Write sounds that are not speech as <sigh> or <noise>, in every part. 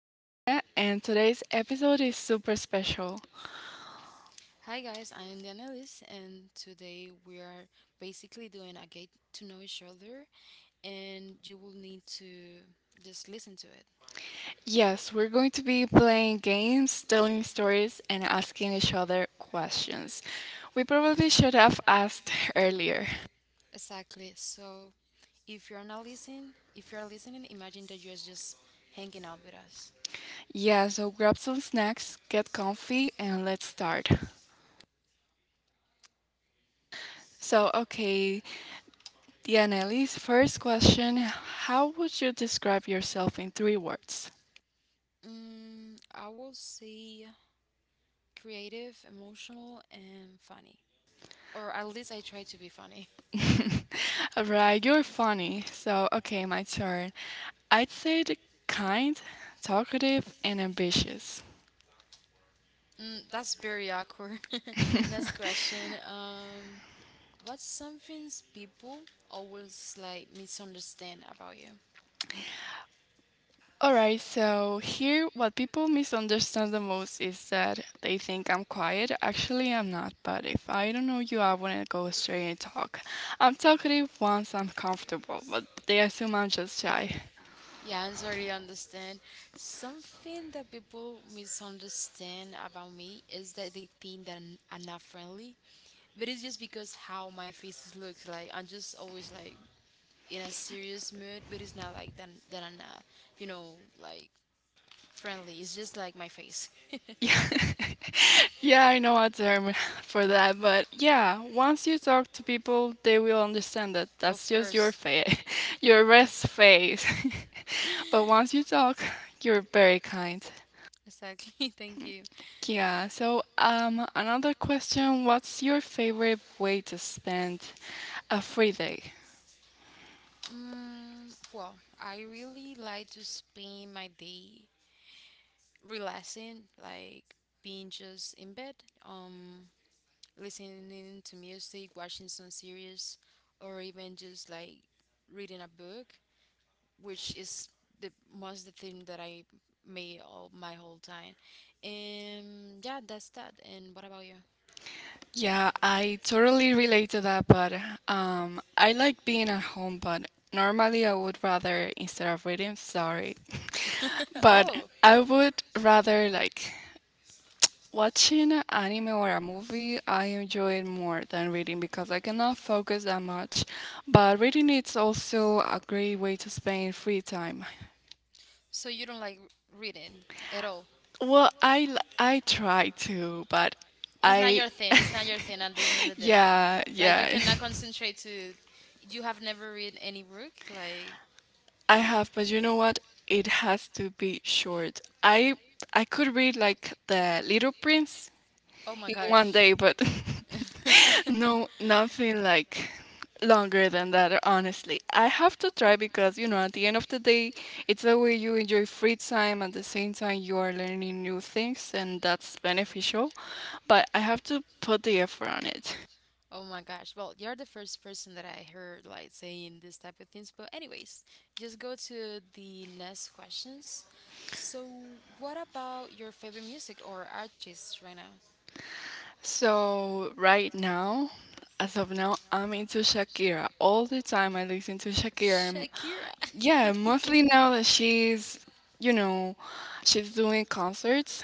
I'm Noelia, and today's episode is super special. Hi guys, I am the analyst, and today we are basically doing a get to know each other, and you will need to just listen to it. Yes, we're going to be playing games, telling stories, and asking each other questions. We probably should have asked <laughs> earlier. Exactly. So if you're not listening, if you're listening, imagine that you're just hanging out with us. Yeah, so grab some snacks, get comfy, and let's start. So, okay, Dianelli's first question: how would you describe yourself in three words? Mm, I will say creative, emotional, and funny, or at least I try to be funny. <laughs> <laughs> Alright, you're funny. So, okay, my turn. I'd say the kind, talkative, and ambitious. Mm, that's very awkward. <laughs> Next question. What's something people always like misunderstand about you? Alright, so here what people misunderstand the most is that they think I'm quiet. Actually, I'm not, but if I don't know you, I wouldn't go straight and talk. I'm talkative once I'm comfortable, but they assume I'm just shy. Yeah, I totally understand. Something that people misunderstand about me is that they think that I'm not friendly, but it's just because how my faces looks like. I'm just always like in a serious mood, but it's not like that. That I'm not, you know, like friendly. It's just like my face. <laughs> Yeah. <laughs> Yeah, I know a term <laughs> for that, but yeah, once you talk to people, they will understand that that's Of just your course. face, <laughs> your rest face. <laughs> But <laughs> once you talk, you're very kind. Exactly. <laughs> Thank you. Yeah, so another question, what's your favorite way to spend a free day? Mm, well, I really like to spend my day relaxing, like being just in bed, um, listening to music, watching some series, or even just like reading a book, which is the thing that I made all my whole time. And yeah, that's that. And what about you? Yeah, I totally relate to that, but I like being at home, but normally I would rather, instead of reading, sorry. <laughs> But Oh, I would rather like watching an anime or a movie. I enjoy it more than reading because I cannot focus that much. But reading is also a great way to spend free time. so you don't like reading at all? Well, I try to, but It's not I— your thing. It's not your thing at the end of the <laughs> day. Yeah, yeah, like you yeah, yeah. cannot concentrate to. You have never read any book. Like <laughs> I have, but you know what? It has to be short. I could read like the Little Prince oh my in one gosh. <laughs> day, but <laughs> <laughs> No, no, nothing like longer than that, honestly. I have to try because, at the end of the day, it's a way you enjoy free time. At the same time, you are learning new things, and that's beneficial. But I have to put the effort on it. no. Oh my gosh. Well, you're the first person that I heard like saying this type of things. But anyways, just go to the next questions. So, what about your favorite music or artists right now? So, right now, as of now, I'm into Shakira. All the time I listen to Shakira. And Shakira. <laughs> yeah, Yeah, mostly Moses. now that she's, you know, she's doing concerts.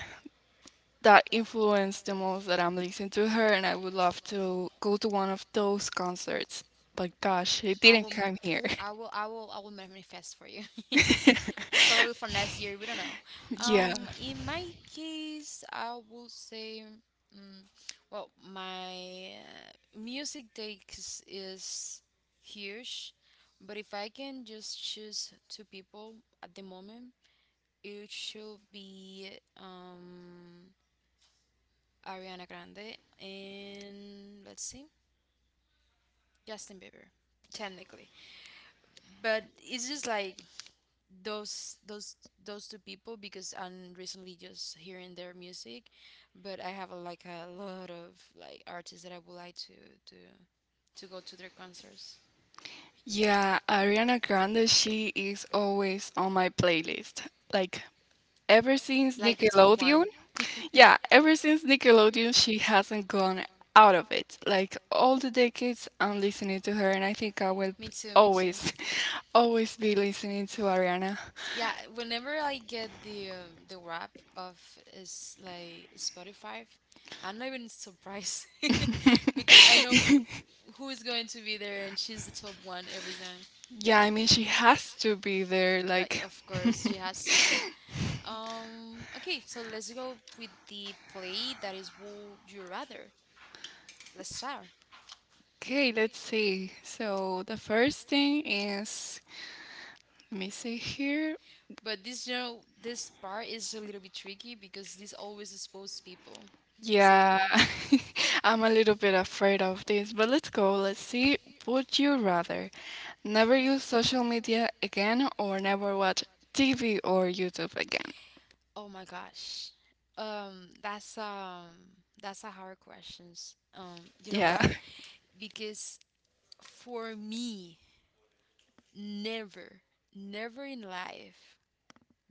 That influenced the most that I'm listening to her, and I would love to go to one of those concerts. But gosh, it I didn't will, come here. I will manifest for you. <laughs> <laughs> Probably for next year. We don't know. Yeah, In my case, I would say, mm, well, my music takes is huge, but if I can just choose two people at the moment, it should be um Ariana Grande and let's see, Justin Bieber technically. But it's just like those those those two people because I'm recently just hearing their music, but I have a, like a lot of like artists that I would like to to go to their concerts, yeah, Ariana Grande, she is always on my playlist. Like ever since like the top Nickelodeon, one. <laughs> yeah, ever since Nickelodeon, she hasn't gone out of it. Like all the decades, I'm listening to her, and I think I will Me too, me too. always, <laughs> always be listening to Ariana. Yeah, whenever I get the wrap of is like Spotify, I'm not even surprised <laughs> because I know <laughs> who is going to be there, and she's the top one every time. Yeah, I mean, she has to be there. Like, Like, of course, she has to be. Okay, so let's go with the play that is Would You Rather. Let's start. okay, let's see. So, the first thing is, let me see here. But this, you know, this part is a little bit tricky because this always exposes people. Yeah, So. <laughs> I'm a little bit afraid of this, but let's go. Let's see. Would you rather never use social media again or never watch TV or YouTube again? Oh my gosh. Um, that's um that's a hard questions. You know Yeah. what? <laughs> Because for me, never, never in life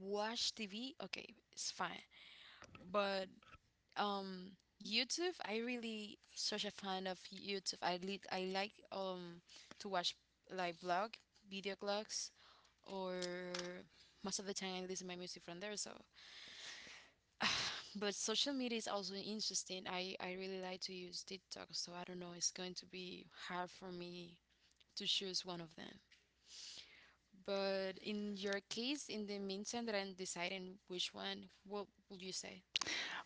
watch TV. Okay, it's fine. But um YouTube, I really such a fan of YouTube. I like to watch like vlog, video blogs, or most of the time I listen my music from there. So but social media is also interesting. I really like to use TikTok, so I don't know, it's going to be hard for me to choose one of them. But in your case, in the meantime that I'm deciding which one, what would you say?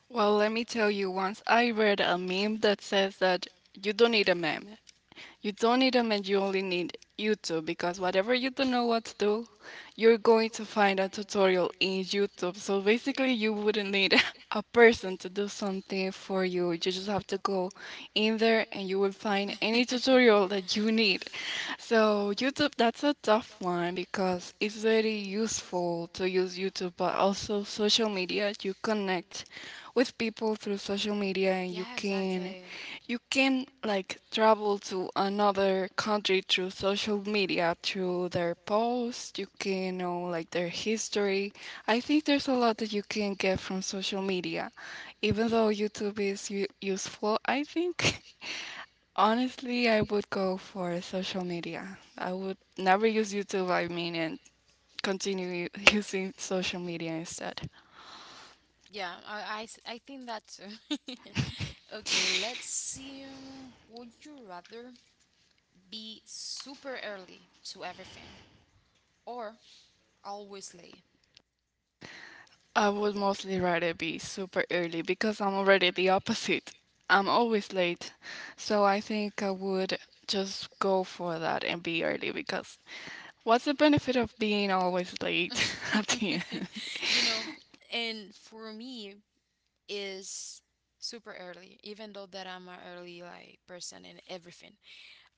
Well, let me tell you, once I read a meme that says that you don't need a meme. You don't need them and you only need YouTube because whatever, you don't know what to do, you're going to find a tutorial in YouTube. So basically, you wouldn't need <laughs> a person to do something for you. You just have to go in there and you will find any tutorial <laughs> that you need. So, YouTube, that's a tough one because it's very useful to use YouTube, but also social media. You connect with people through social media and Yeah, exactly. you can like travel to another country through social media, through their posts. You can know like their history. I think there's a lot that you can get from social media. Even though YouTube is useful, I think <laughs> honestly I would go for social media. I would never use YouTube, I mean, and continue <laughs> using social media instead. Yeah, I think that too. <laughs> Okay, let's see. Would you rather be super early to everything or always late? I would mostly rather be super early because I'm already the opposite. I'm always late. So I think I would just go for that and be early because what's the benefit of being always late <laughs> at <laughs> the end? You know, and for me is super early, even though that I'm an early like person in everything.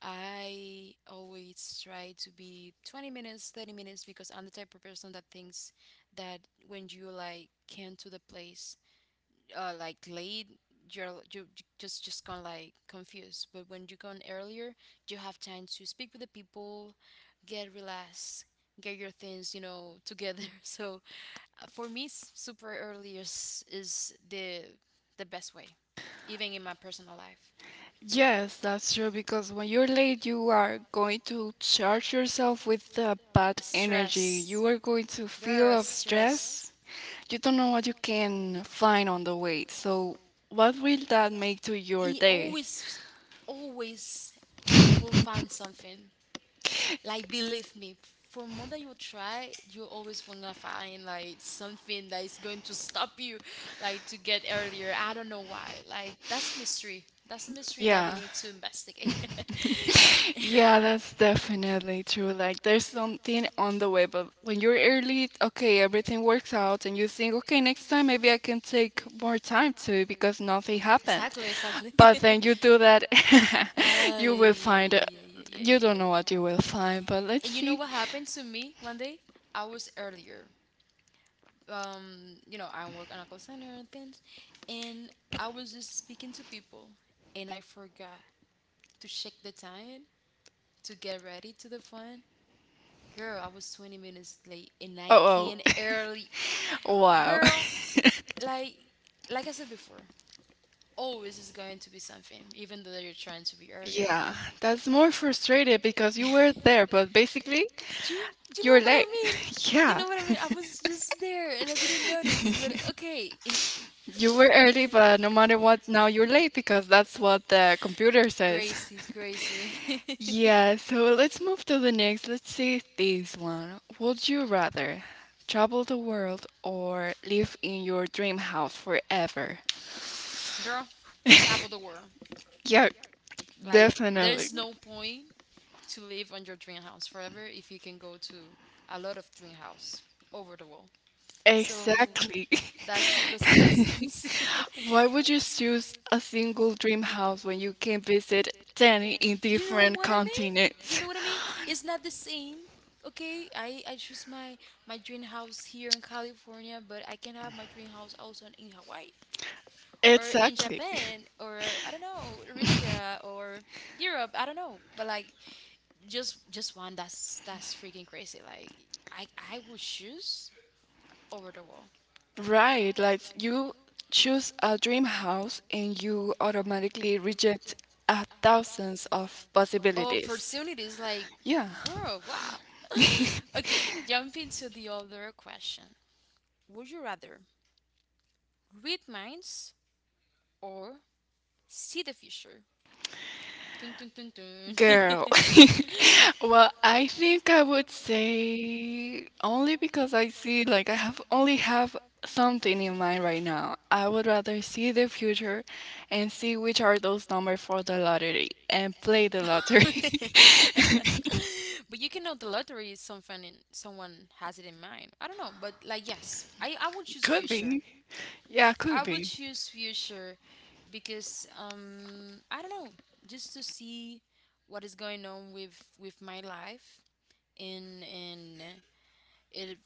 I always try to be 20 minutes, 30 minutes because I'm the type of person that thinks that when you like came to the place like late, you're you you just kind of like confused, but when you gone earlier you have time to speak with the people, get relaxed, get your things, you know, together. <laughs> So for me super early is the best way, even in my personal life. Yes, that's true because when you're late, you are going to charge yourself with the Y- bad energy. stress, You are going to feel girl, of stress. stress. You don't know what you can find on the way. So what will that make to your He day? always, always, you will find something. Like believe me, for more that you try, you're always gonna find like something that is going to stop you, like to get earlier. I don't know why. Like that's mystery. That's a mystery that we Yeah. need to investigate. <laughs> Yeah, that's definitely true. Like, there's something on the way, but when you're early, okay, everything works out, and you think, okay, next time maybe I can take more time to because nothing happened. Exactly, exactly. <laughs> But then you do that, <laughs> Ah, you yeah, will yeah, yeah, find— yeah, yeah, yeah, you yeah, yeah. don't know what you will find, but let's And you know see. what happened to me one day? I was earlier. You know, I work on a call center and things, and I was just speaking to people, and I forgot to check the time to get ready to the phone. Girl, I was 20 minutes late, and I Oh, came oh. oh, <laughs> early. Wow. Girl, <laughs> like, like I said before, always is going to be something, even though you're trying to be earlier. Yeah, that's more frustrated because you were there, but basically Do you you're know what late. I <laughs> mean? You Yeah. know what I mean? I was <laughs> just there, and I didn't notice. But okay. <laughs> You You were early, but no matter what, now you're late because that's what the computer says. crazy, <laughs> crazy. Yeah, so let's move to the next. Let's see this one. Would you rather travel the world or live in your dream house forever? <laughs> Girl, <laughs> travel the world. Yeah, Like, definitely. there's no point to live on your dream house forever if you can go to a lot of dream house over the world. So, Exactly. that doesn't make sense. <laughs> <laughs> Why would you choose a single dream house when you can visit 10 in You know different what I mean? You continents? know what I mean? <laughs> It's not the same. Okay, I choose my dream house here in California, but I can have my dream house also in Hawaii, or in Exactly. Japan, or I don't know, Russia, or Europe, I don't know, but like just one, that's freaking crazy, like I would choose over the wall Right, like you choose a dream house and you automatically reject a thousands of possibilities. opportunities like Yeah. yeah, bro, wow. <laughs> <laughs> Okay, jumping to the other question, would you rather read minds or see the future? Dun, dun, dun, dun. Girl, <laughs> <laughs> well, I think I would say only because I see like I have only have something in mind right now. I would rather see the future and see which are those numbers for the lottery and <laughs> play the lottery. Lottery. <laughs> <laughs> But you can know the lottery is something in, someone has it in mind. I don't know, but like yes, I would choose Could future. be. Yeah, I could will be. choose future because I don't know, just to see what is going on with my life and if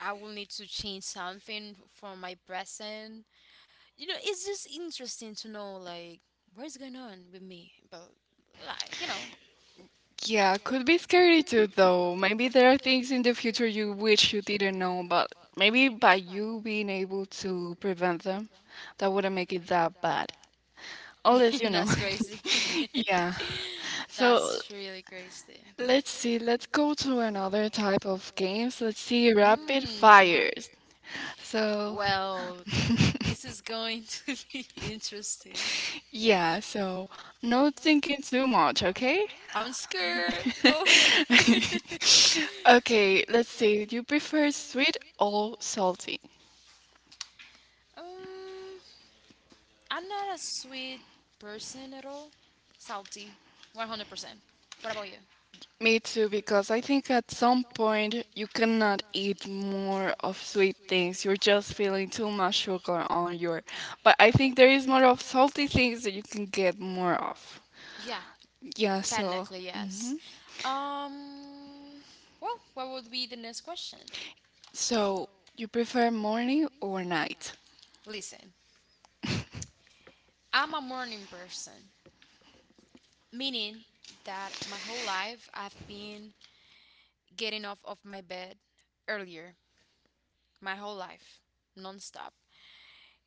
I will need to change something from my present. You know, it's just interesting to know like what is going on with me, but like, you know, Yeah, could be scary too, though. Maybe there are things in the future you wish you didn't know, but maybe by you being able to prevent them, that wouldn't make it that bad. Unless, you <laughs> know, that's crazy. <laughs> <laughs> yeah. So So that's so really crazy. let's see, let's go to another type of games. Let's see, rapid Mm. fires. So, Well, this <laughs> is going <laughs> to be interesting. yeah, so no thinking too much, okay? I'm scared. <laughs> Go. <laughs> Okay, let's see. Do you prefer sweet or salty? um, I'm not a sweet person at all. Salty, 100%. What about you? Me too, because I think at some point you cannot eat more of sweet things. You're just feeling too much sugar on your. But I think there is more of salty things that you can get more of. Yeah, Yeah, so technically yes. Um, well, what would be the next question? so you prefer morning or night? Listen, I'm a morning person, meaning that my whole life I've been getting off of my bed earlier, my whole life, nonstop.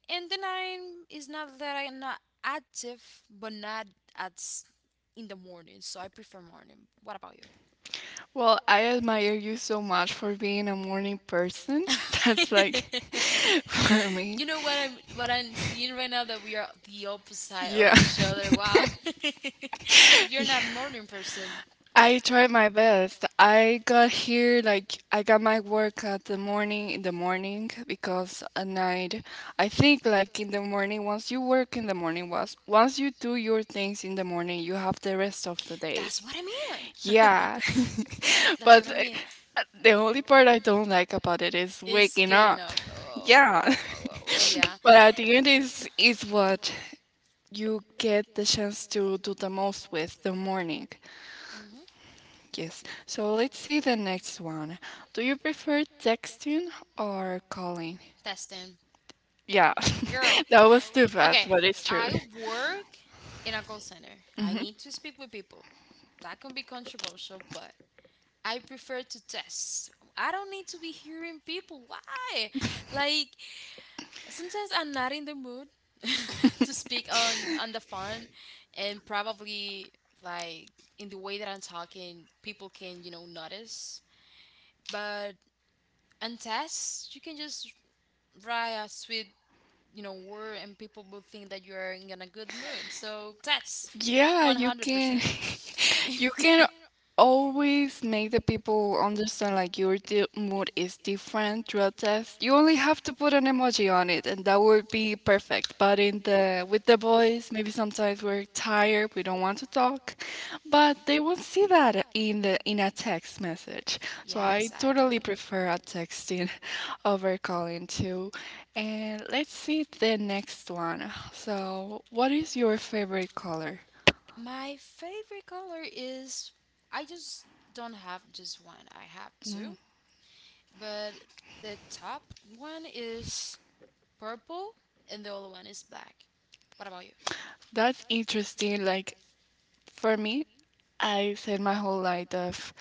And then I'm, it's not that I'm not active, but not at s- in the morning. So I prefer morning. What about Well, I admire you so much for being a morning person. <laughs> you? That's like <laughs> <laughs> for me. You know what I'm seeing right now that we are the opposite Yeah. of each other. Wow. <laughs> So <laughs> you're Yeah. not morning person. I tried my best. I got here like I got my work at the morning, in the morning, because at night I think like in the morning, once you work in the morning, once you do your things in the morning, you have the rest of the day. That's what I mean. Yeah. <laughs> <laughs> That's But what I But mean, the only part I don't like about it is is waking getting up. up. Oh, Yeah. oh, oh, oh, oh <laughs> yeah. But at the end is what you get the chance to do the most with the morning. Mm-hmm. Yes. So let's see the next one. Do you prefer texting or calling? That's Yeah, <laughs> girl. that was too Okay. fast, but it's true. I work in a call center. I need to speak with people. That can be controversial, but I prefer to test. I don't need to be hearing people. Why? Like sometimes I'm not in the mood <laughs> to speak on the phone, and probably like in the way that I'm talking, people can, you know, notice. But on tests, you can just right a sweet, you know, word, and people will think that you're in a good mood, so that's Yeah, you can 100%. <laughs> you <laughs> can always make the people understand like your di mood is different throughout text. You only have to put an emoji on it and that would be perfect. But in the with the boys, maybe sometimes we're tired, we don't want to talk, but they won't see that in the in a text message. So Yeah, I exactly. totally prefer a texting <laughs> over calling too. And let's see the next one. So, what is your favorite color? My favorite color is, I just don't have just one, I have two, Mm, but the top one is purple, and the other one is black. What about you? That's interesting. Like for me, I said my whole life that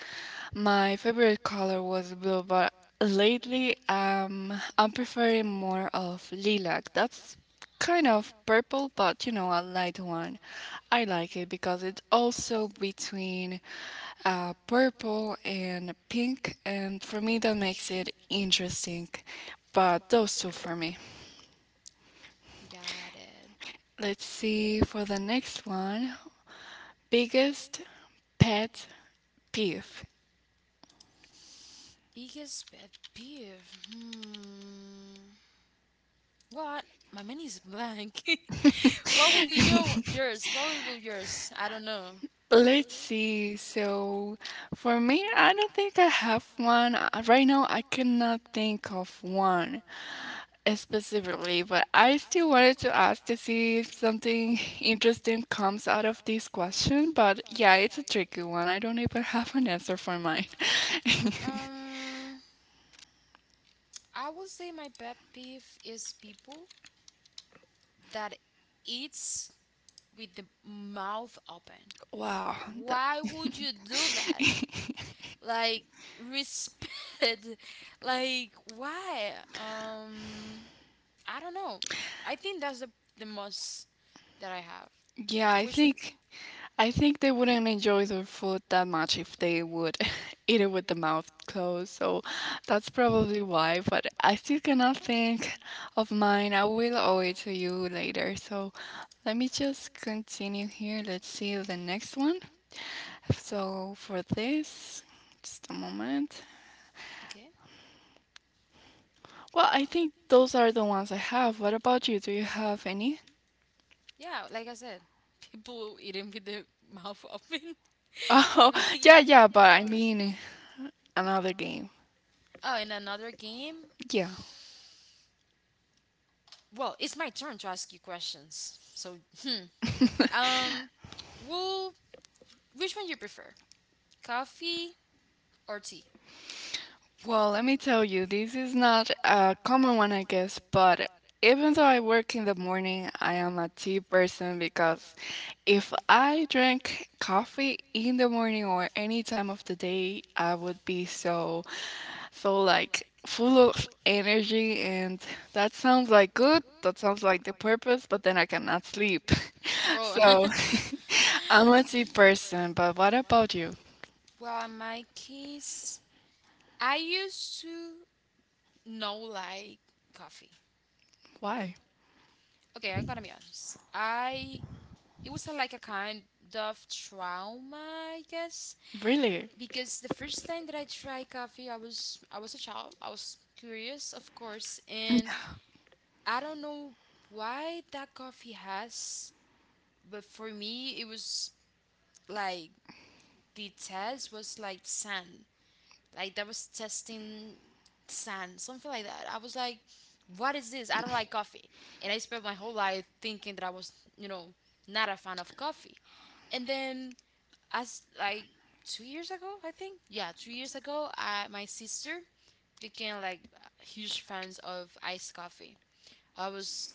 my favorite color was blue, but lately I'm preferring more of lilac. That's kind of purple, but you know a light one. I like it because it's also between purple and pink, and for me that makes it interesting. But those two for me. Got it. Let's see for the next one. Biggest pet peeve. Biggest pet peeve. Hmm. What? My menu is blank. <laughs> What <laughs> will be yours? What will be yours? I don't know. Let's see. So, for me, I don't think I have one. Right now, I cannot think of one specifically, but I still wanted to ask to see if something interesting comes out of this question. But yeah, it's a tricky one. I don't even have an answer for mine. <laughs> Um, I would say my pet peeve is people that eats with the mouth open. Wow. That— Why would you do that? Like respect. <laughs> Like why? I don't know. I think that's the most that I have. <laughs> yeah, I Which think. I think they wouldn't enjoy their food that much if they would <laughs> eat it with the mouth closed. So that's probably why. But I still cannot think of mine. I will owe it to you later. So let me just continue here. Let's see the next one. So for this, just a moment. okay? Well, I think those are the ones I have. What about you? Do you have any? <laughs> Yeah, like I said, <laughs> people eating with the mouth open. <laughs> Oh, Like- yeah, yeah. But I mean, another game. oh, in another game. Yeah. Well, it's my turn to ask you questions. So, <laughs> hmm. Um, well, which one you prefer? Coffee or tea? Well, let me tell you, this is not a common one, I guess, but even though I work in the morning, I am a tea person because if I drank coffee in the morning or any time of the day, I would be so, so like full of energy. And that sounds like good, that sounds like the purpose, but then I cannot sleep. <laughs> Oh. <laughs> So Oh. <laughs> I'm a tea person, but what about you? Well, in my case, I used to not like coffee. Why? Okay, I'm gonna be honest. I It was a, like a kind of trauma, I guess, Really? because the first time that I tried coffee, I was a child. I was curious, of course, and I don't know why that coffee has, but for me it was like the test was like sand. Like that was testing sand, something like that. I was like, what is this? I don't like coffee. And I spent my whole life thinking that I was, you know, not a fan of coffee. And then as like 2 years ago, I think. Yeah, 2 years ago, my sister became like huge fans of iced coffee. I was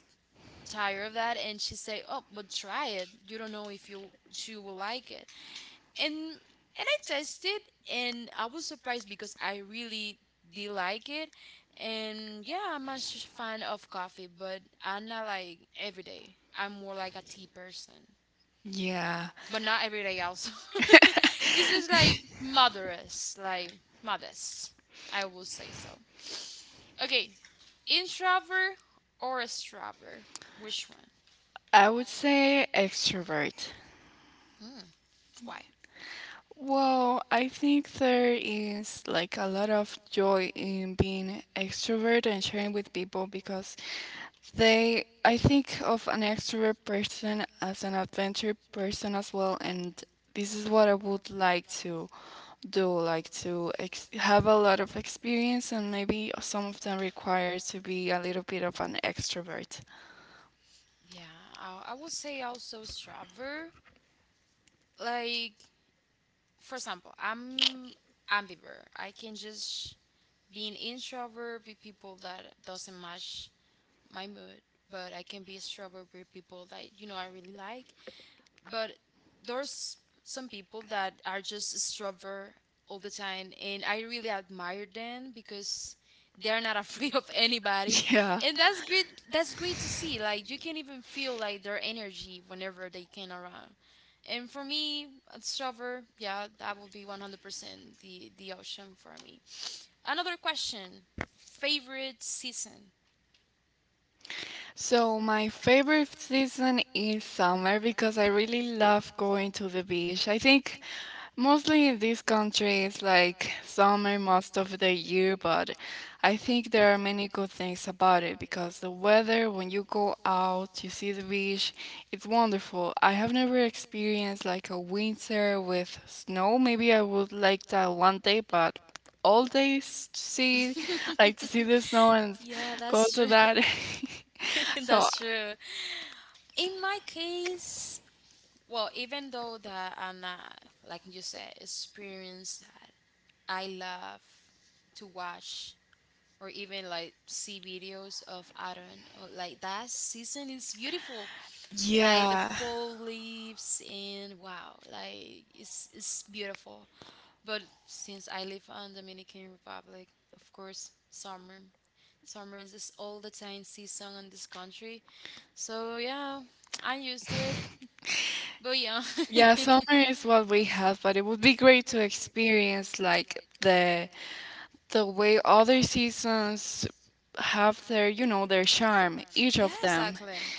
tired of that, and she said, "Oh, but try it. You don't know if you will like it." And and I tasted, and I was surprised because I really did like it. And yeah, I'm a fan of coffee, but I'm not like every day. I'm more like a tea person, Yeah. but not everything else. <laughs> it's just like <laughs> modest, like modest. I will say so. Okay, introvert or extrovert? Which one? I would say extrovert. Hmm. Why? Well, I think there is like a lot of joy in being extrovert and sharing with people because they, I think of an extrovert person as an adventure person as well, and this is what I would like to do, like to have a lot of experience, and maybe some of them require to be a little bit of an extrovert. Yeah, I would say also extrovert. Like, for example, I'm ambivert. I can just be an introvert with people that doesn't match my mood, but I can be extrovert with people that, you know, I really like. But there's some people that are just stubborn all the time, and I really admire them because they're not <laughs> afraid of anybody. Yeah. And that's great. That's great to see. Like, you can even feel like their energy whenever they came around. And for me, stubborn, yeah, that would be 100% the option for me. Another question: favorite season. So my favorite season is summer because I really love going to the beach. I think mostly in these countries, like summer most of the year, but I think there are many good things about it because the weather, when you go out, you see the beach, it's wonderful. I have never experienced like a winter with snow. Maybe I would like that one day, but all days to see, like to <laughs> see the snow and yeah, go that's to true. that. <laughs> <laughs> So, that's true. In my case, well, even though that I'm not, like you said, experienced that, I love to watch or even like see videos of autumn, or like that season is beautiful. Like the yeah. fall leaves and wow, like it's beautiful. But since I live on Dominican Republic, of course, summer summer is all the time season in this country. So yeah, <tsk> I'm used to it. But yeah. Yeah, summer <laughs> is what we have, but it would be great to experience like the way other seasons have their charm, each yeah, of seasons, them, exactly.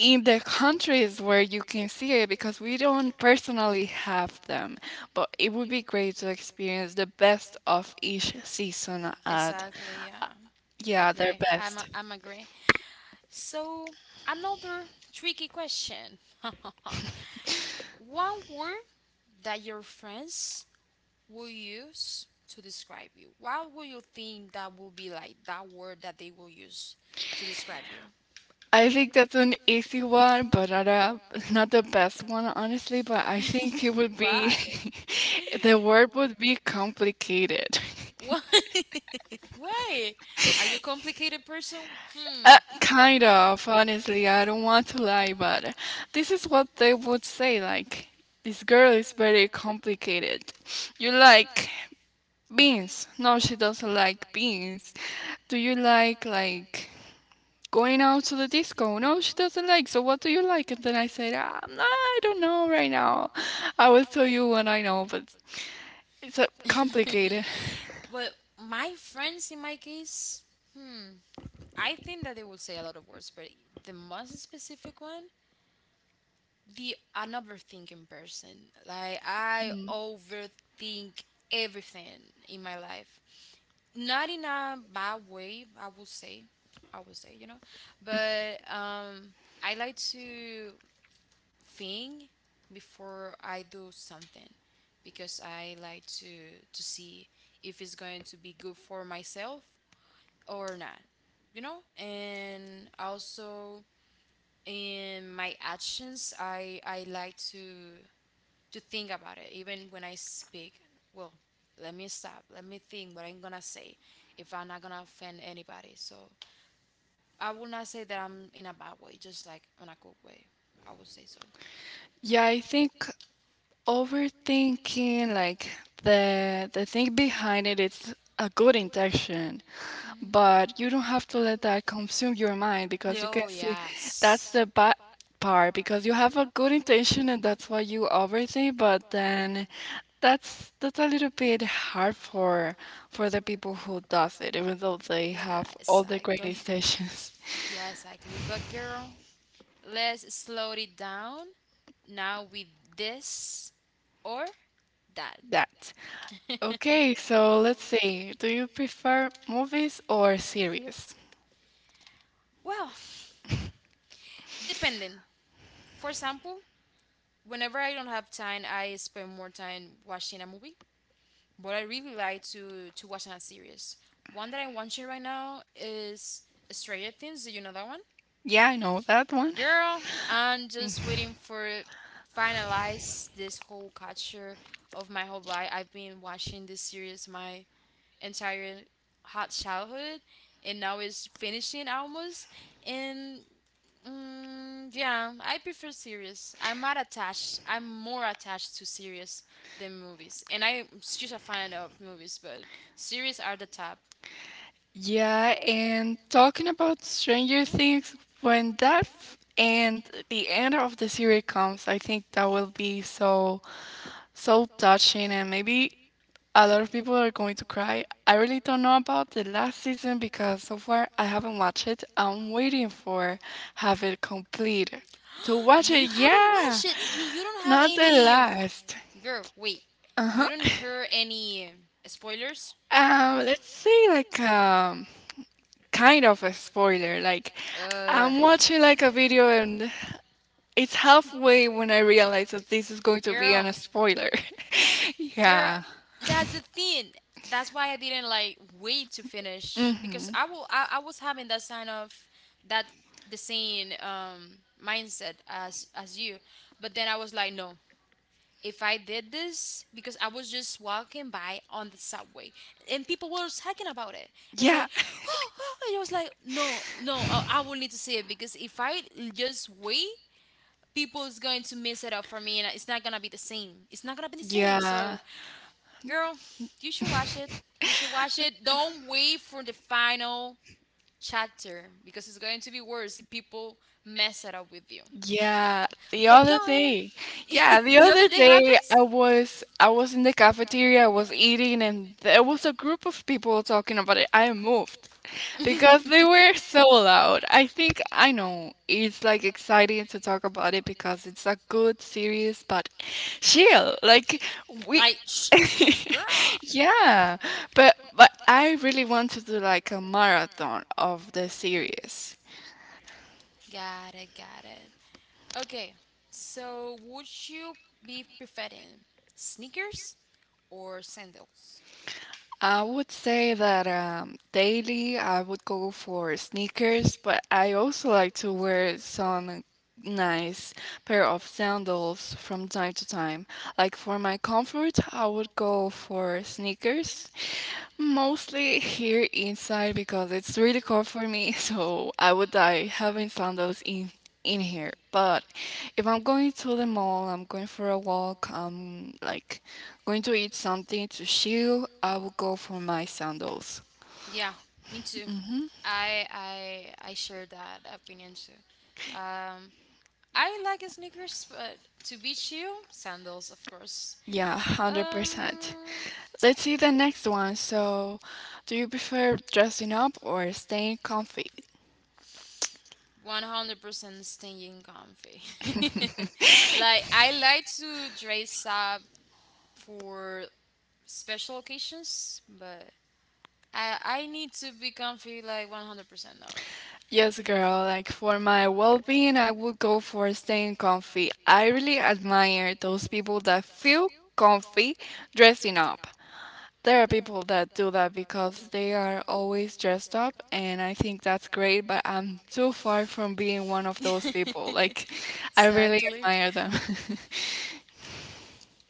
in the countries where you can see it because we don't personally have them. But it would be great to experience the best of each season Sun and stuff. at, Exactly, yeah. I, yeah, yeah, their agree. Best. I'm agree. So, another tricky question. <laughs> One word that your friends will use to describe you. What will you think that will be like that word that they will use to describe you? I think that's an easy one, but not the best one, <laughs> honestly. But I think it would be Why? <laughs> <laughs> the word would be complicated. <laughs> Why? <laughs> Why? Are you a complicated person? Hmm. Kind of, honestly. I don't want to lie, but this is what they would say. Like, this girl is very complicated. You like beans? No, she doesn't like beans. Do you like going out to the disco? No, she doesn't like. So what do you like? And then I said, I don't know right now. I will tell you when I know, but it's complicated. <laughs> But my friends, in my case, hmm, I think that they will say a lot of words, but the most specific one, the another thinking person. Like, I Mm. overthink everything in my life. Not in a bad way, I would say. I would say, you know, but I like to thing before I do something because I like to see if it's going to be good for myself or not, you know. And also in my actions, I like to think about it. Even when I speak, well, let me stop, let me think what I'm gonna say, if I'm not gonna offend anybody. So I will not say that I'm in a bad way, just like in a good way, I would say so. Yeah, I think overthinking, like the thing behind it, it's a good intention. Hmm. But you don't have to let that consume your mind because you can Oh, see yes. that's the bad part because you have a good intention and that's why you overthink, but then that's a little bit hard for the people who does it even though they Yeah, have all the great exactly. <laughs> intentions. Yeah, exactly. But girl, let's slow it down now with this or that. <laughs> That. <laughs> Okay, so let's see, do you prefer movies or series? well, depending. For example, whenever I don't have time, I spend more time watching a movie. But I really like to watch a series. One that I'm watching right now is Stranger Things. Do you know that one? Yeah, I know that one. Girl, I'm just waiting for finalize this whole culture of my whole life. I've been watching this series my entire hot childhood, and now it's finishing almost. And mm, yeah, I prefer series. I'm not attached. I'm more attached to series than movies, and I'm just a fan of movies, but series are the top. Yeah, and talking about Stranger Things, when that f- and the end of the series comes, I think that will be so touching, and maybe a lot of people are going to cry. I really don't know about the last season because so far I haven't watched it. I'm waiting for have it complete to <gasps> watch You it. haven't Yeah, watched it. You don't have not the any. last. Girl, wait. Uh You huh. don't <laughs> hear any spoilers? Let's say like. Kind of a spoiler. Like, Uh, I'm watching like a video and it's halfway when I realize that this is going to be girl, an spoiler. <laughs> girl, Yeah. that's the thing. That's why I didn't like wait to finish because Hmm. I will. I was having that sign of that the same mindset as you. But then I was like, no, if I did this because I was just walking by on the subway and people were talking about it. I was Yeah. like, <gasps> <laughs> oh, oh, and I was like, no, no, I will need to see it because if I just wait, people is going to mess it up for me, and it's not gonna be the same. It's not gonna be the same. Yeah. So, girl, you should watch it. You should watch it. Don't wait for the final chapter because it's going to be worse if people mess it up with you. Yeah, the But other going, day. Yeah, <laughs> the the other other day day happens. I was in the cafeteria, I was eating and there was a group of people talking about it. I moved because they <laughs> were so loud. I think I Exa- know it's like exciting to talk about it because it's a good series, but chill. Like, we. Like, shh, <laughs> girl. Yeah, but I really want to do like a marathon of the series. Got it, got it. Okay, so would you be preferring sneakers or sandals? I would say that daily I would go for sneakers, but I also like to wear some nice pair of sandals from time to time. Like for my comfort, I would go for sneakers, mostly here inside because it's really cold for me, <laughs> so I would die having sandals in here. But if I'm going to the mall, I'm going for a walk, I'm like going to eat something to chill, I will go for my sandals. Yeah, me too. I I share that opinion too. Um, I like sneakers, but to be chill, sandals, of course. Yeah, 100%. Um, Let's see the next one. So, do you prefer dressing up or staying comfy? 100% staying comfy. <laughs> like, I like to dress up for special occasions, but I need to be comfy like 100% now. Yes, girl, like for my well-being, I would go for staying comfy. I really admire those people that feel comfy dressing up. There are people that do that because they are always dressed up, and I think that's great, but I'm too far from being one of those people. <laughs> Like, I really exactly. admire them.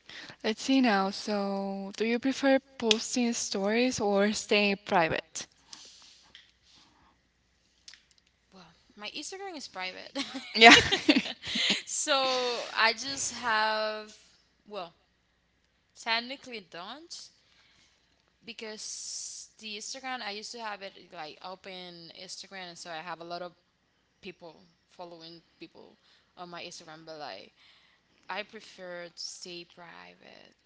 <laughs> Let's see now. So, do you prefer posting stories or staying private? Well, my Instagram is private. Yeah. <laughs> <laughs> so I just have, well, technically don't, because the Instagram I used to have it like open Instagram, and so I have a lot of people following people on my Instagram. But like, I prefer to stay private.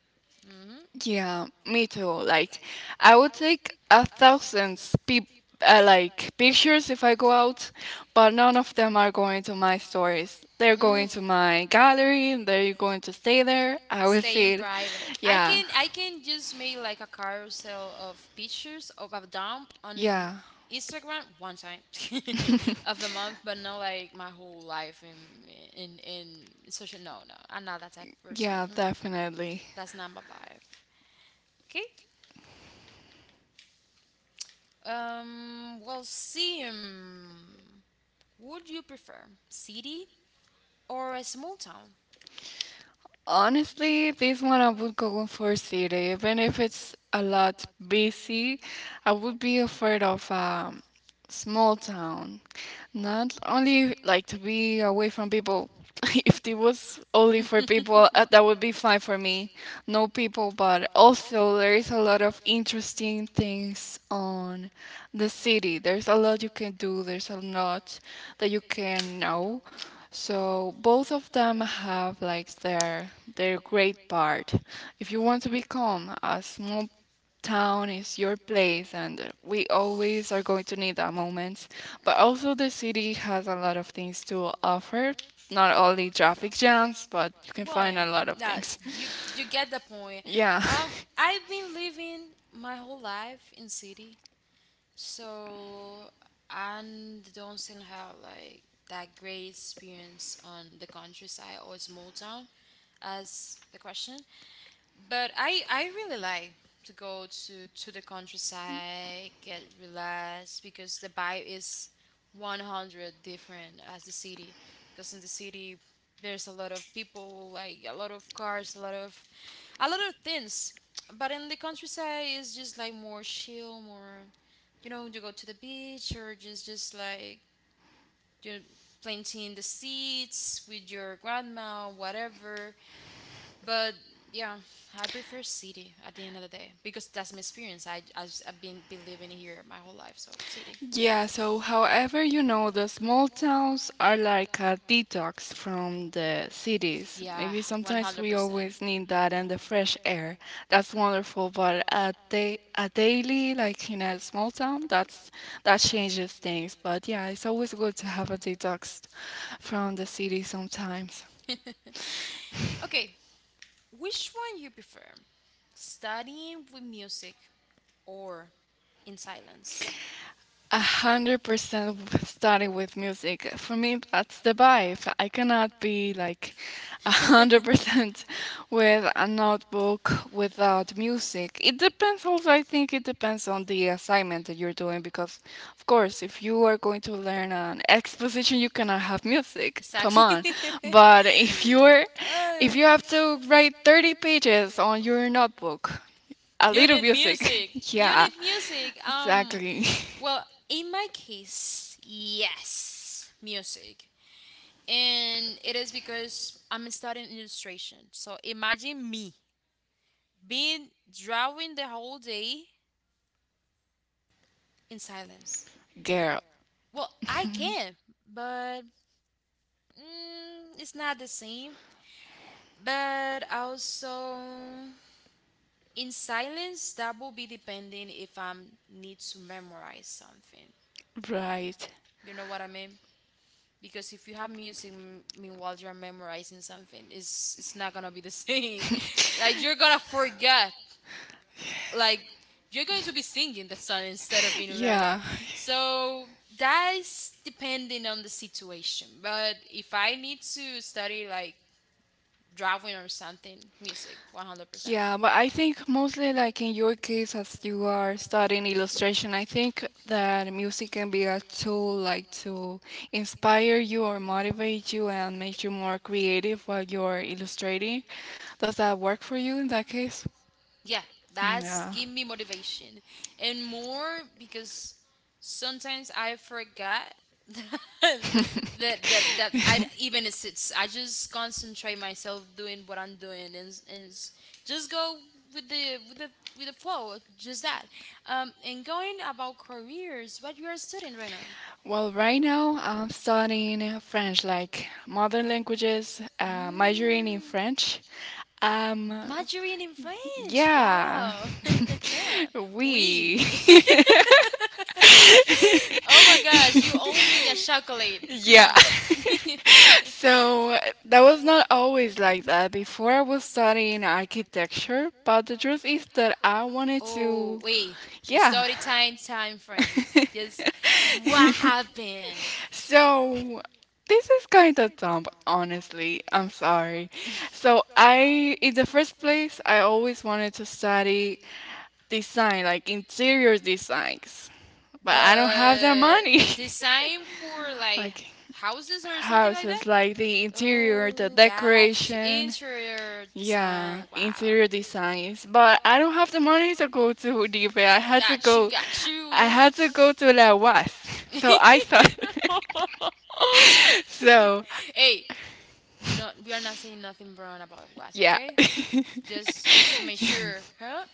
Hmm. Yeah, me too. Like, I would take 1,000 peop like pictures if I go out, but none of them are going to my stories. They're Mm, going to my gallery, and they're going to stay there. I will stay like in see it. it. Private. I Yeah, can, yeah. I can just make like a carousel of pictures of a dump on yeah, Instagram one time <laughs> of the <laughs> month, but not like my whole life in in social. No, no, I'm not that type of person. yeah, Mm-mm. definitely. That's not my vibe. Okay. Um, well, Sim, would you prefer city or a small town? Honestly, this one I would go for city, even if it's a lot busy. I would be afraid of a small town. Not only like to be away from people. <laughs> If it was only for people, that would be fine for me. No people, but also there is a lot of interesting things on the city. There's a lot you can do. There's a lot that you can know. So both of them have like their great part. If you want to become a small town is your place and we always are going to need that moment. But also the city has a lot of things to offer. Not only traffic jams, but you can Well, yeah, find a kind lot of of like that. Like, things. <laughs> you you get the point. Yeah. Yeah. I've been living my whole life in city, so I don't seem to have like that great experience on the countryside or small town as the question. But I really like to go to the countryside, get relaxed because the vibe is 100 different as the city. Because in the city there's a lot of people, like a lot of cars, a lot of things. But in the countryside it's just like more chill, more, you know, you go to the beach or just like, you know, planting the seeds with your grandma, whatever. But yeah, I prefer city at the end of the day because that's my experience. I've been living here my whole life, so city. Yeah, so however, the small towns are like a detox from the cities. Yeah, Maybe one hundred one sometimes hundred we percent. always need that and the fresh air. That's wonderful, but a daily like in a small town, that changes things. But yeah, it's always good to have a detox from the city sometimes. <laughs> Okay, which one you prefer? Studying with music or in silence? 100% starting with music. For me, that's the vibe. I cannot be like <laughs> a <laughs> hundred 100%. percent <laughs> with a notebook without music. It depends also, I think it depends on the assignment that you're doing because, of course, if you are going to learn an exposition, you cannot have music. Come Exactly. on. <laughs> But if you Ay. have to write 30 pages on your notebook, a You little need music. music. <laughs> You Yeah, need music. Exactly. Well, in my case, yes, music. And it is because I'm studying illustration. So imagine me being drawing the whole day in silence. <laughs> Girl. Well, I can, but mm, it's not the same. But also, in silence that will be depending if I need to memorize something, Right. you know what I mean? Because if you have music meanwhile you're memorizing something, it's not gonna be the same. <laughs> like you're gonna forget, like you're going to be singing the song instead of being learning. Yeah. Yeah. So that's depending on the situation. But if I need to study like drawing or something, music 100%. Yeah, but I think mostly like in your case, as you are studying illustration, I think that music can be a tool like to inspire you or motivate you and make you more creative while you're illustrating. Does that work for you in that case? Yeah, that's Yeah. give me motivation and more because sometimes I forgot <laughs> that that <laughs> that I even it's I just concentrate myself doing what I'm doing and just go with the with the with the <laughs> flow, just that. And going about careers, what you are studying right now? Well, right now I'm studying French, like modern languages, Mm. uh, majoring in French. Um, Margarine in French. Yeah. Wow. <laughs> <laughs> Oui. We. <laughs> <laughs> oh my gosh, you owe me a chocolate. Yeah. Hmm. Yeah. <laughs> <laughs> So that was not always like that. Before I was studying architecture, but the truth is that I wanted Oh, to. wait. Yeah. Story time frame. Just what <laughs> happened? So this is kind of dumb, honestly, I'm sorry. So I in the first place, I always wanted to study design, like interior designs, but I don't have the But money. design for <laughs> like Like, houses or something like that? houses, like the interior, the Oh, got you. decoration. Interior Yeah, design. Wow. interior designs. But I don't have the money to go to Hoodive. Yeah, got you, you I know. had to go to La UAS. <laughs> So I thought. <laughs> So, <laughs> hey, we don't we are not saying nothing wrong about was, yeah. okay? <laughs> Just to make sure, huh?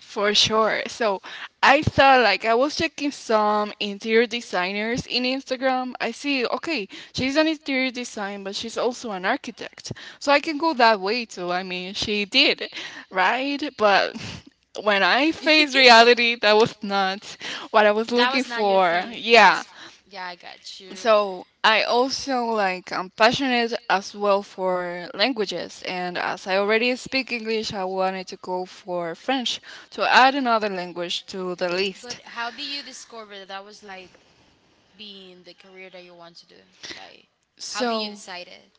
For sure. So I thought like I was checking some interior designers in Instagram. I see, okay, she's an interior design, but she's also an architect. So I can go that way too. I mean, she did, right? But <laughs> when I faced <laughs> reality, that was not what I was that looking was not your for. thing. Yeah. That's, yeah, I got you. So I also like I'm passionate as well for languages, and as I already speak English, I wanted to go for French to add another language to the But list. how did you discover that was like being the career that you want to do? Like, how did you So decide it?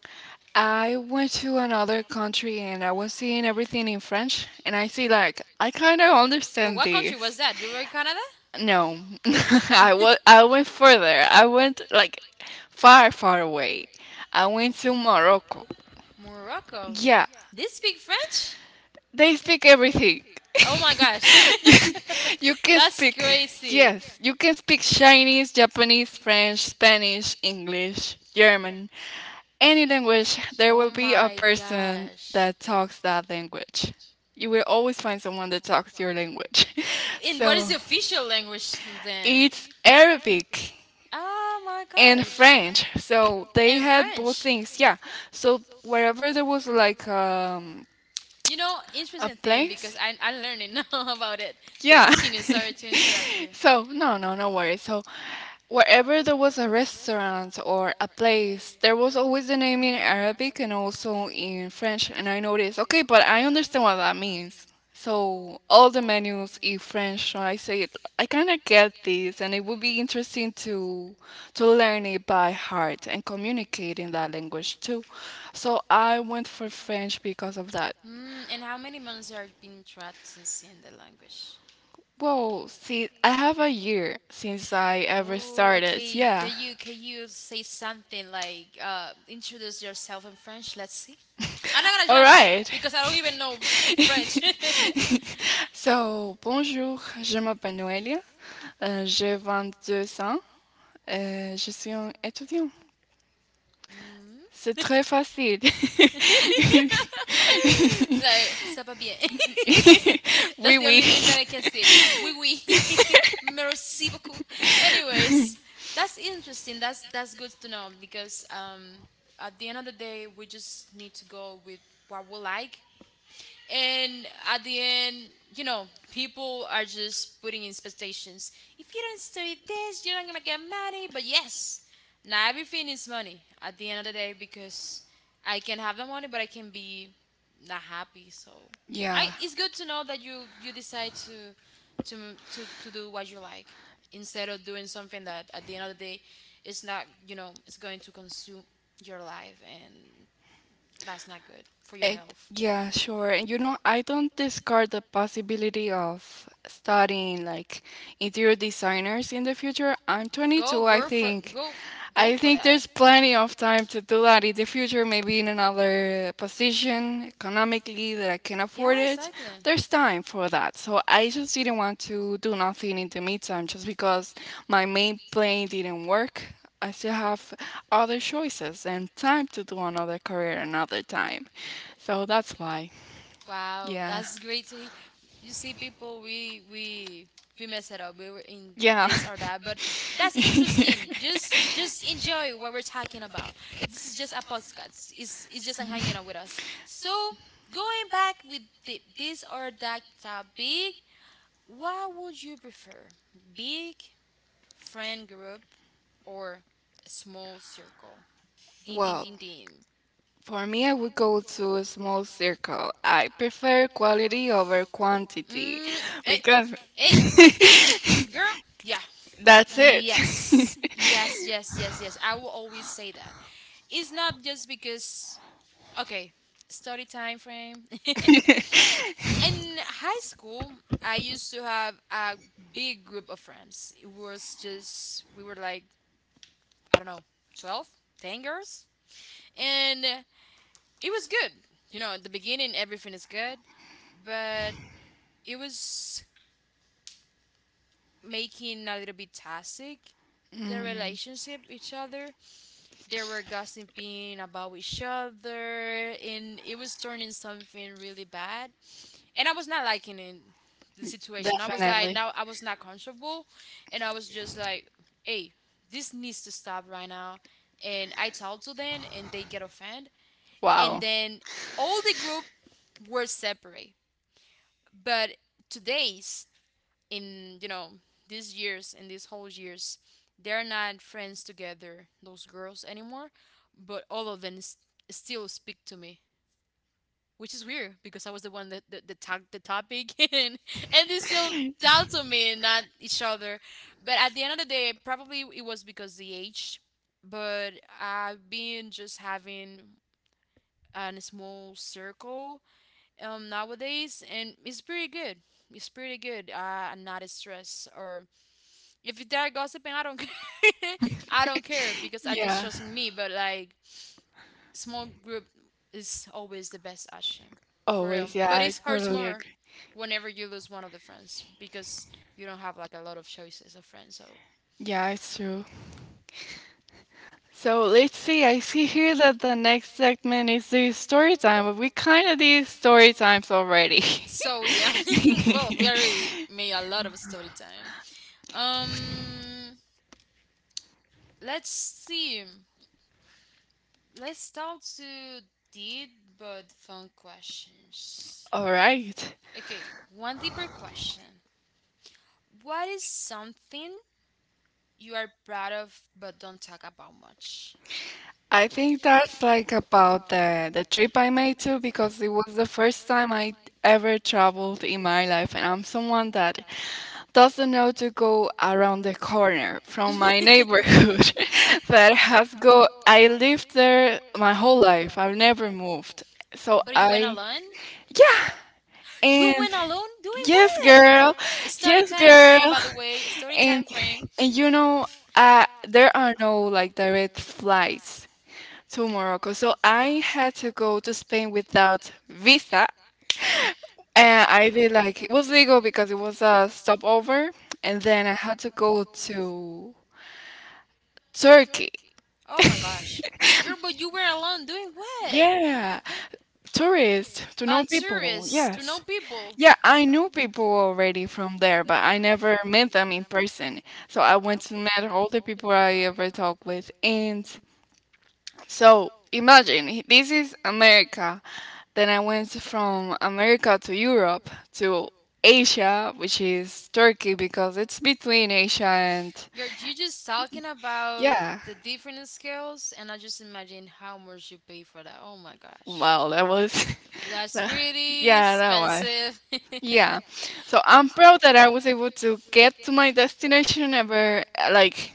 I went to another country and I was seeing everything in French, and I see like I kind of But understand what country was this. that? You were in Canada? No, <laughs> <laughs> I went further. I went like far, far away. I went to Morocco. Morocco. Yeah, They speak French? they speak everything. Oh my gosh. <laughs> you, you <laughs> can That's speak, crazy. yes, you can speak Chinese, Japanese, French, Spanish, English, German, any language. There Oh will be a my person gosh. that talks that language. You will always find someone that talks your language. <laughs> And what is So the official language then? it's Arabic Oh my and gosh. French. So they And had both French. things. Yeah. So wherever there was like You know, a interesting thing place. because I'm learning <laughs> now about it. Yeah, Yeah. <laughs> continue. Sorry to interrupt you. So, no, no, no worries. So wherever there was a restaurant or a place, there was always the name in Arabic and also in French. And I noticed, okay, but I understand what that means. So all the menus in French. So I say it, I kind of get this, and it would be interesting to learn it by heart and communicate in that language too. So I went for French because of that. Mm, and how many months are being taught practicing the language? Well, see, I have a year since I ever Oh, started. okay. Yeah. Can you say something like introduce yourself in French? Let's see. I'm not gonna All judge right. because I don't even know <laughs> French. <laughs> So, bonjour, je m'appelle Noelia, j'ai deux ans, je suis un étudiant. Mm, C'est très facile. <laughs> like, ça va bien. That's Oui, the oui. only thing that I can say. Oui, oui. <laughs> Merci beaucoup. Anyways, that's interesting. That's good to know because at the end of the day, we just need to go with what we like, and at the end, you know, people are just putting expectations. If you don't study this, you're not gonna get money. But yes, now everything is money at the end of the day because I can have the money but I can be not happy. So I Yeah. it's good to know that you decide to to do what you like instead of doing something that at the end of the day, it's not. It's going to consume your life, and that's not good for your It, health. yeah, sure. And you know, I don't discard the possibility of studying like interior designers in the future. I'm Go, 22, I girl, for think. go, Go I for think that. there's plenty of time to do that in the future, maybe in another position economically that I can Yeah, afford it. exactly. There's time for that. So I just didn't want to do nothing in the meantime just because my main plan didn't work. I still have other choices and time to do another career another time. So that's why. Wow, Yeah. that's great to hear. You see, people, we mess it up. We were in Yeah. this or that, but that's interesting. <laughs> <laughs> Just enjoy what we're talking about. This is just a podcast. It's just hanging out with us. So going back with this or that topic, what would you prefer, big friend group, or a small circle? Ding ding Well, ding. Well, ding. for me, I would go to a small circle. I prefer quality over quantity Mm, hey, because hey, <laughs> girl. Yeah. that's That's it. it. Yes. Yes, yes, <laughs> yes, yes, I will always say that. It's not just because, okay, study time frame. <laughs> In high school, I used to have a big group of friends. It was just, we were like, I don't know, 12, 10 girls. And it was good. You know, at the beginning everything is good, but it was making a little bit toxic the Mm, relationship each other. They were gossiping about each other and it was turning something really bad. And I was not liking it the situation. I was like, definitely. now I was not comfortable, and I was just like, hey, this needs to stop right now. And I talk to them and they get offended, and Wow. then all the group were separate. But today's, in you know, these years, in these whole years, they're not friends together, those girls, anymore. But all of them still speak to me, which is weird because I was the one that tagged the topic. <laughs> And they still talk to me and not each other. But at the end of the day, probably it was because the age, but I've been just having a small circle, nowadays, and it's pretty good. It's pretty good. I'm not as stressed, or if they're gossiping, I don't <laughs> care. I don't care because I just Yeah. trusting me. But like, small group is always the best option, for real. Always, yeah, But I it hurts totally more agree. whenever you lose one of the friends because you don't have like a lot of choices of friends. So. Yeah, it's true. So let's see. I see here that the next segment is the story time, but we kind of did story times already. Yeah, <laughs> well, we already <laughs> made a lot of story time. Um, let's see. Let's start to deep but fun questions. All right. Okay, one deeper question. What is something you are proud of but don't talk about much? I think that's like about the trip I made too, because it was the first time I ever traveled in my life, and I'm someone that doesn't know to go around the corner from my neighborhood <laughs> that has go I lived there my whole life. I've never moved. So But, oh, you went I I alone? yeah, You and went alone doing yes, what? girl. Study Yes, time frame, girl. by the way. Study and time frame. and you know, there are no like direct flights to Morocco, so I had to go to Spain without visa, and I did, like, it was legal because it was a stopover. And then I had to go to Turkey. Oh my <laughs> gosh. Girl, but you were alone doing what? Yeah, tourists to A know people. tourist to know Yes. people. Yeah, I knew people already from there, but I never met them in person. So I went to meet all the people I ever talked with. And so imagine this is America. Then I went from America to Europe to Asia, which is Turkey because it's between Asia and Girl, you just talking about yeah. the different scales, and I just imagine how much you pay for that. Oh my gosh. Well, that was <laughs> That's that- pretty yeah, that was. expensive. <laughs> Yeah. So I'm proud that I was able to get to my destination ever, like,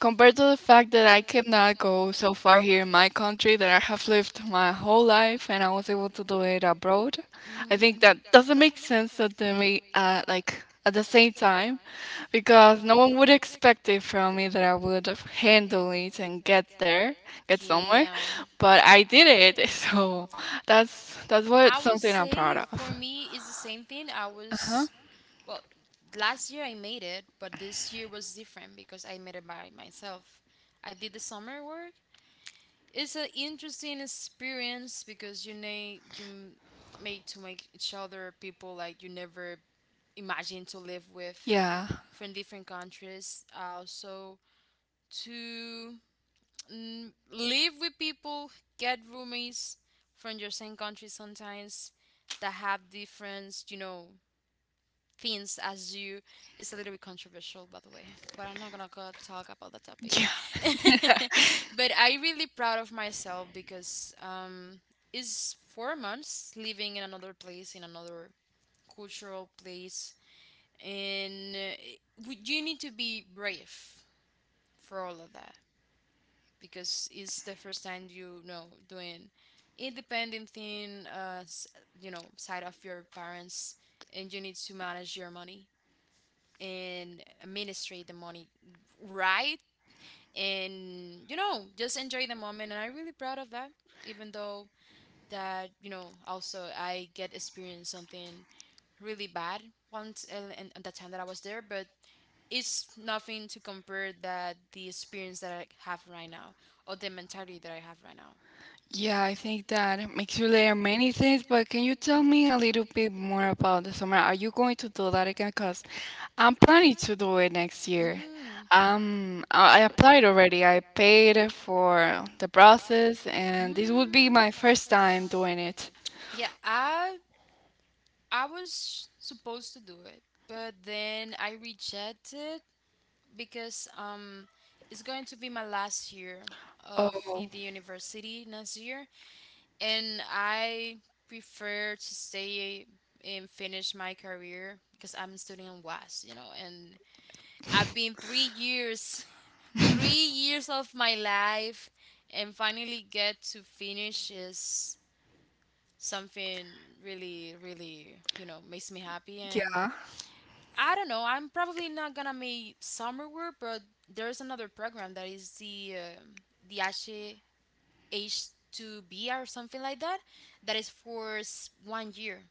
compared to the fact that I cannot go so far here in my country that I have lived my whole life and I was able to do it abroad. I think that Mm, doesn't make sense that they may, like, at the same time, because no one would expect it from me that I would handle it and get there, get somewhere, yeah. but I did it. <laughs> So that's what I would something I'm proud say of. for me it's the same thing. I Uh-huh. was, well, last year I made it, but this year was different because I made it by myself. I did the summer work. It's an interesting experience because, you know, you make to make each other people like you never imagined to live with, Yeah. from different countries. Also to live with people, get roomies from your same country sometimes that have different, you know, things as you. It's a little bit controversial, by the way, but I'm not gonna go talk about that topic. Yeah. <laughs> <laughs> But I really proud of myself because it's 4 months living in another place, in another cultural place, and you need to be brave for all of that because it's the first time, you know, doing independent thing, you know, side of your parents. And you need to manage your money and administrate the money right, and, you know, just enjoy the moment. And I'm really proud of that, even though, that you know, also I get experience something really bad once. And the time that I was there, but it's nothing to compare that the experience that I have right now, or the mentality that I have right now. Yeah, I think that it makes you layer many things, but can you tell me a little bit more about the summer? Are you going to do that again? Because I'm planning to do it next year. Mm. I applied already. I paid for the process, Mm. and this would be my first time doing it. Yeah, I was supposed to do it, but then I rejected because it's going to be my last year of the, Oh, the Oh, university next year, and I prefer to stay and finish my career because I'm studying in was, you know. And I've been 3 years, 3 years of my life, and finally get to finish is something really, really, you know, makes me happy. And yeah. I don't know, I'm probably not gonna make summer work, but there's another program that is the H H2B or something like that, that is for one year,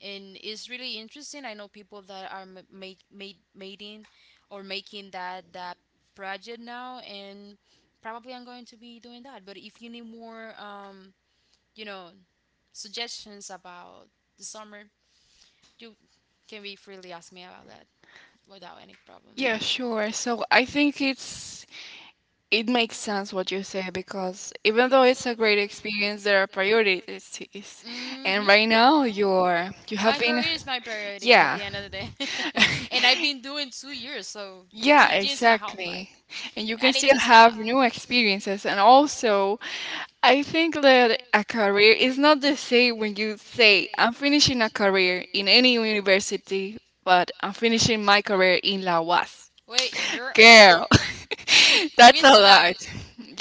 and it's really interesting. I know people that are m- make made making or making that project now, and probably I'm going to be doing that. But if you need more, you know, suggestions about the summer, you can be freely ask me about that without any problem. Yeah, sure. So I think it makes sense what you say because even though it's a great experience, there are priorities, is- Hmm. and right now And you're you have my career been is working, my priority at yeah, the end, yeah, of the day, <laughs> <laughs> and I've been doing 2 years, so two yeah, years and a half. exactly, Like, and you I can need still to stop. have new experiences, and also I think that a career is not the same when you say, I'm finishing a career in any university, but I'm finishing my career in La UAS. Wait, girl. Girl, <laughs> that's We a stop. lot.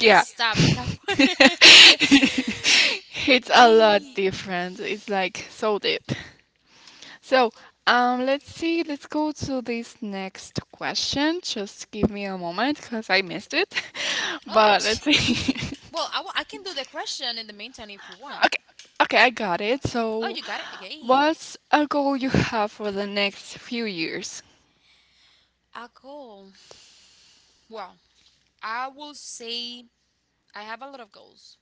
We stop in that part. <laughs> <laughs> It's a lot Ye- different. It's like so deep. So, let's see. Let's go to this next question. Just give me a moment because I missed it. <laughs> Oh, But let's see. <laughs> well, I can do the question in the meantime if you want. <laughs> Okay. Okay, I got it. Oh, So, you got it? Okay. what's a goal you have for the next few years? A goal. Well, I will say I have a lot of goals,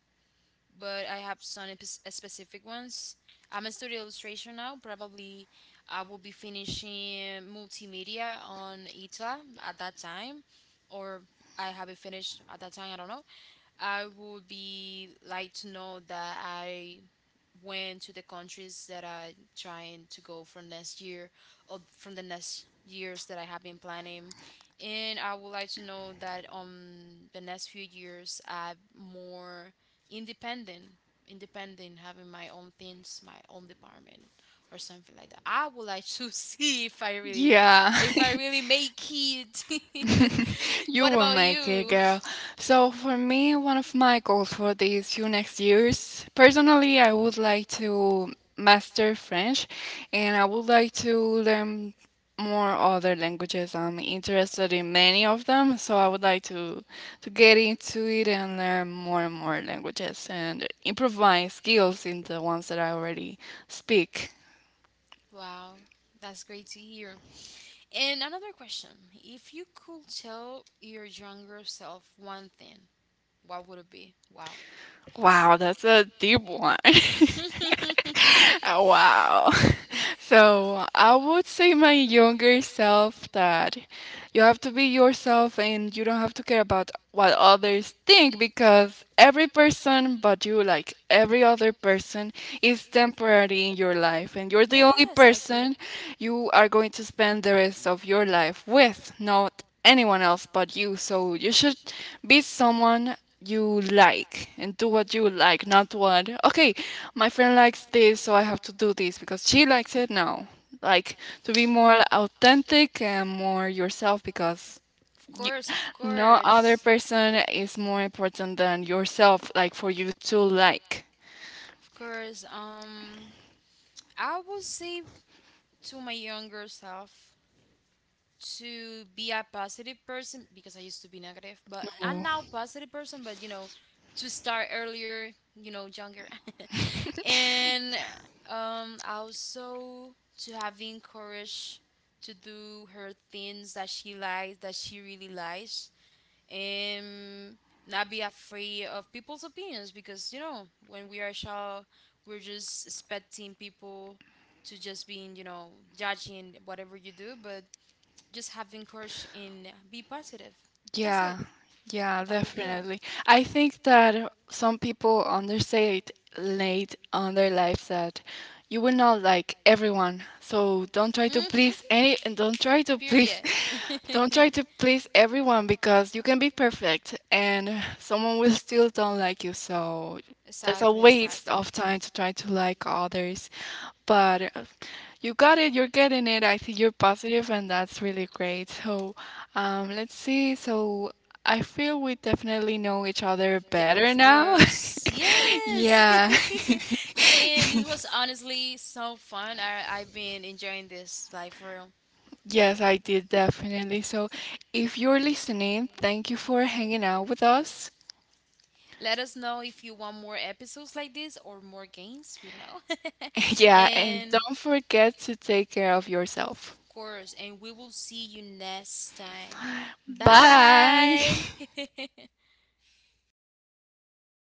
but I have some specific ones. I'm a studio illustration now. Probably I will be finishing multimedia on ITLA at that time, or I have it finished at that time. I don't know. I would be like to know that I went to the countries that I trying to go for next year, or from the next years that I have been planning. And I would like to know that on the next few years I'm more independent, having my own things, my own department or something like that. I would like to <laughs> see if I really Yeah. <laughs> Make it. <laughs> <laughs> you What will about make it, you? girl. So, for me, one of my goals for these few next years, personally, I would like to master French, and I would like to learn more other languages. I'm interested in many of them, so I would like to get into it and learn more and more languages and improve my skills in the ones that I already speak. Wow, that's great to hear. And another question. If you could tell your younger self one thing, what would it be? Wow. Wow, that's a <laughs> deep one. A deep <laughs> one. <laughs> Wow. <laughs> So I would say my younger self that you have to be yourself and you don't have to care about what others think because every person but you, like every other person, is temporary in your life and you're the only Yeah, exactly. person you are going to spend the rest of your life with, not anyone else but you. So you should be someone you like and do what you like, not what, okay, my friend likes this, so I have to do this because she likes it. No. Like to be more authentic and more yourself because Of you, course, no other course. person is more important than yourself, like for you to like. Of course. I would say to my younger self to be a positive person because I used to be negative, but I'm No. now positive person. But, you know, to start earlier, you know, younger. <laughs> and Also, to having courage to do her things that she likes, that she really likes. And not be afraid of people's opinions because, you know, when we are child, we're just expecting people to just being, you know, judging whatever you do, but just have courage and be positive. That's it. Yeah, yeah, That will be all. definitely. I think that some people understate late on their lives that you will not like everyone. So don't try to Hmm. please any and don't try to please Period. <laughs> don't <laughs> try to please everyone because you can be perfect and someone will still don't like you. So there's a Exactly, waste exactly. of time to try to like others. But you got it, you're getting it. I think you're positive and that's really great. So let's see. So I feel we definitely know each other Yeah, better of now. <laughs> course. Yes. Yeah. <laughs> <laughs> Saying this was honestly so fun. I've been enjoying this like, for real. Yes, I did definitely. So if you're listening, thank you for hanging out with us. Let us know if you want more episodes like this, or more games. We don't know. <laughs> <laughs> Yeah, and And don't forget to take care of yourself. of course, and we will see you next time. Bye. Bye. <laughs>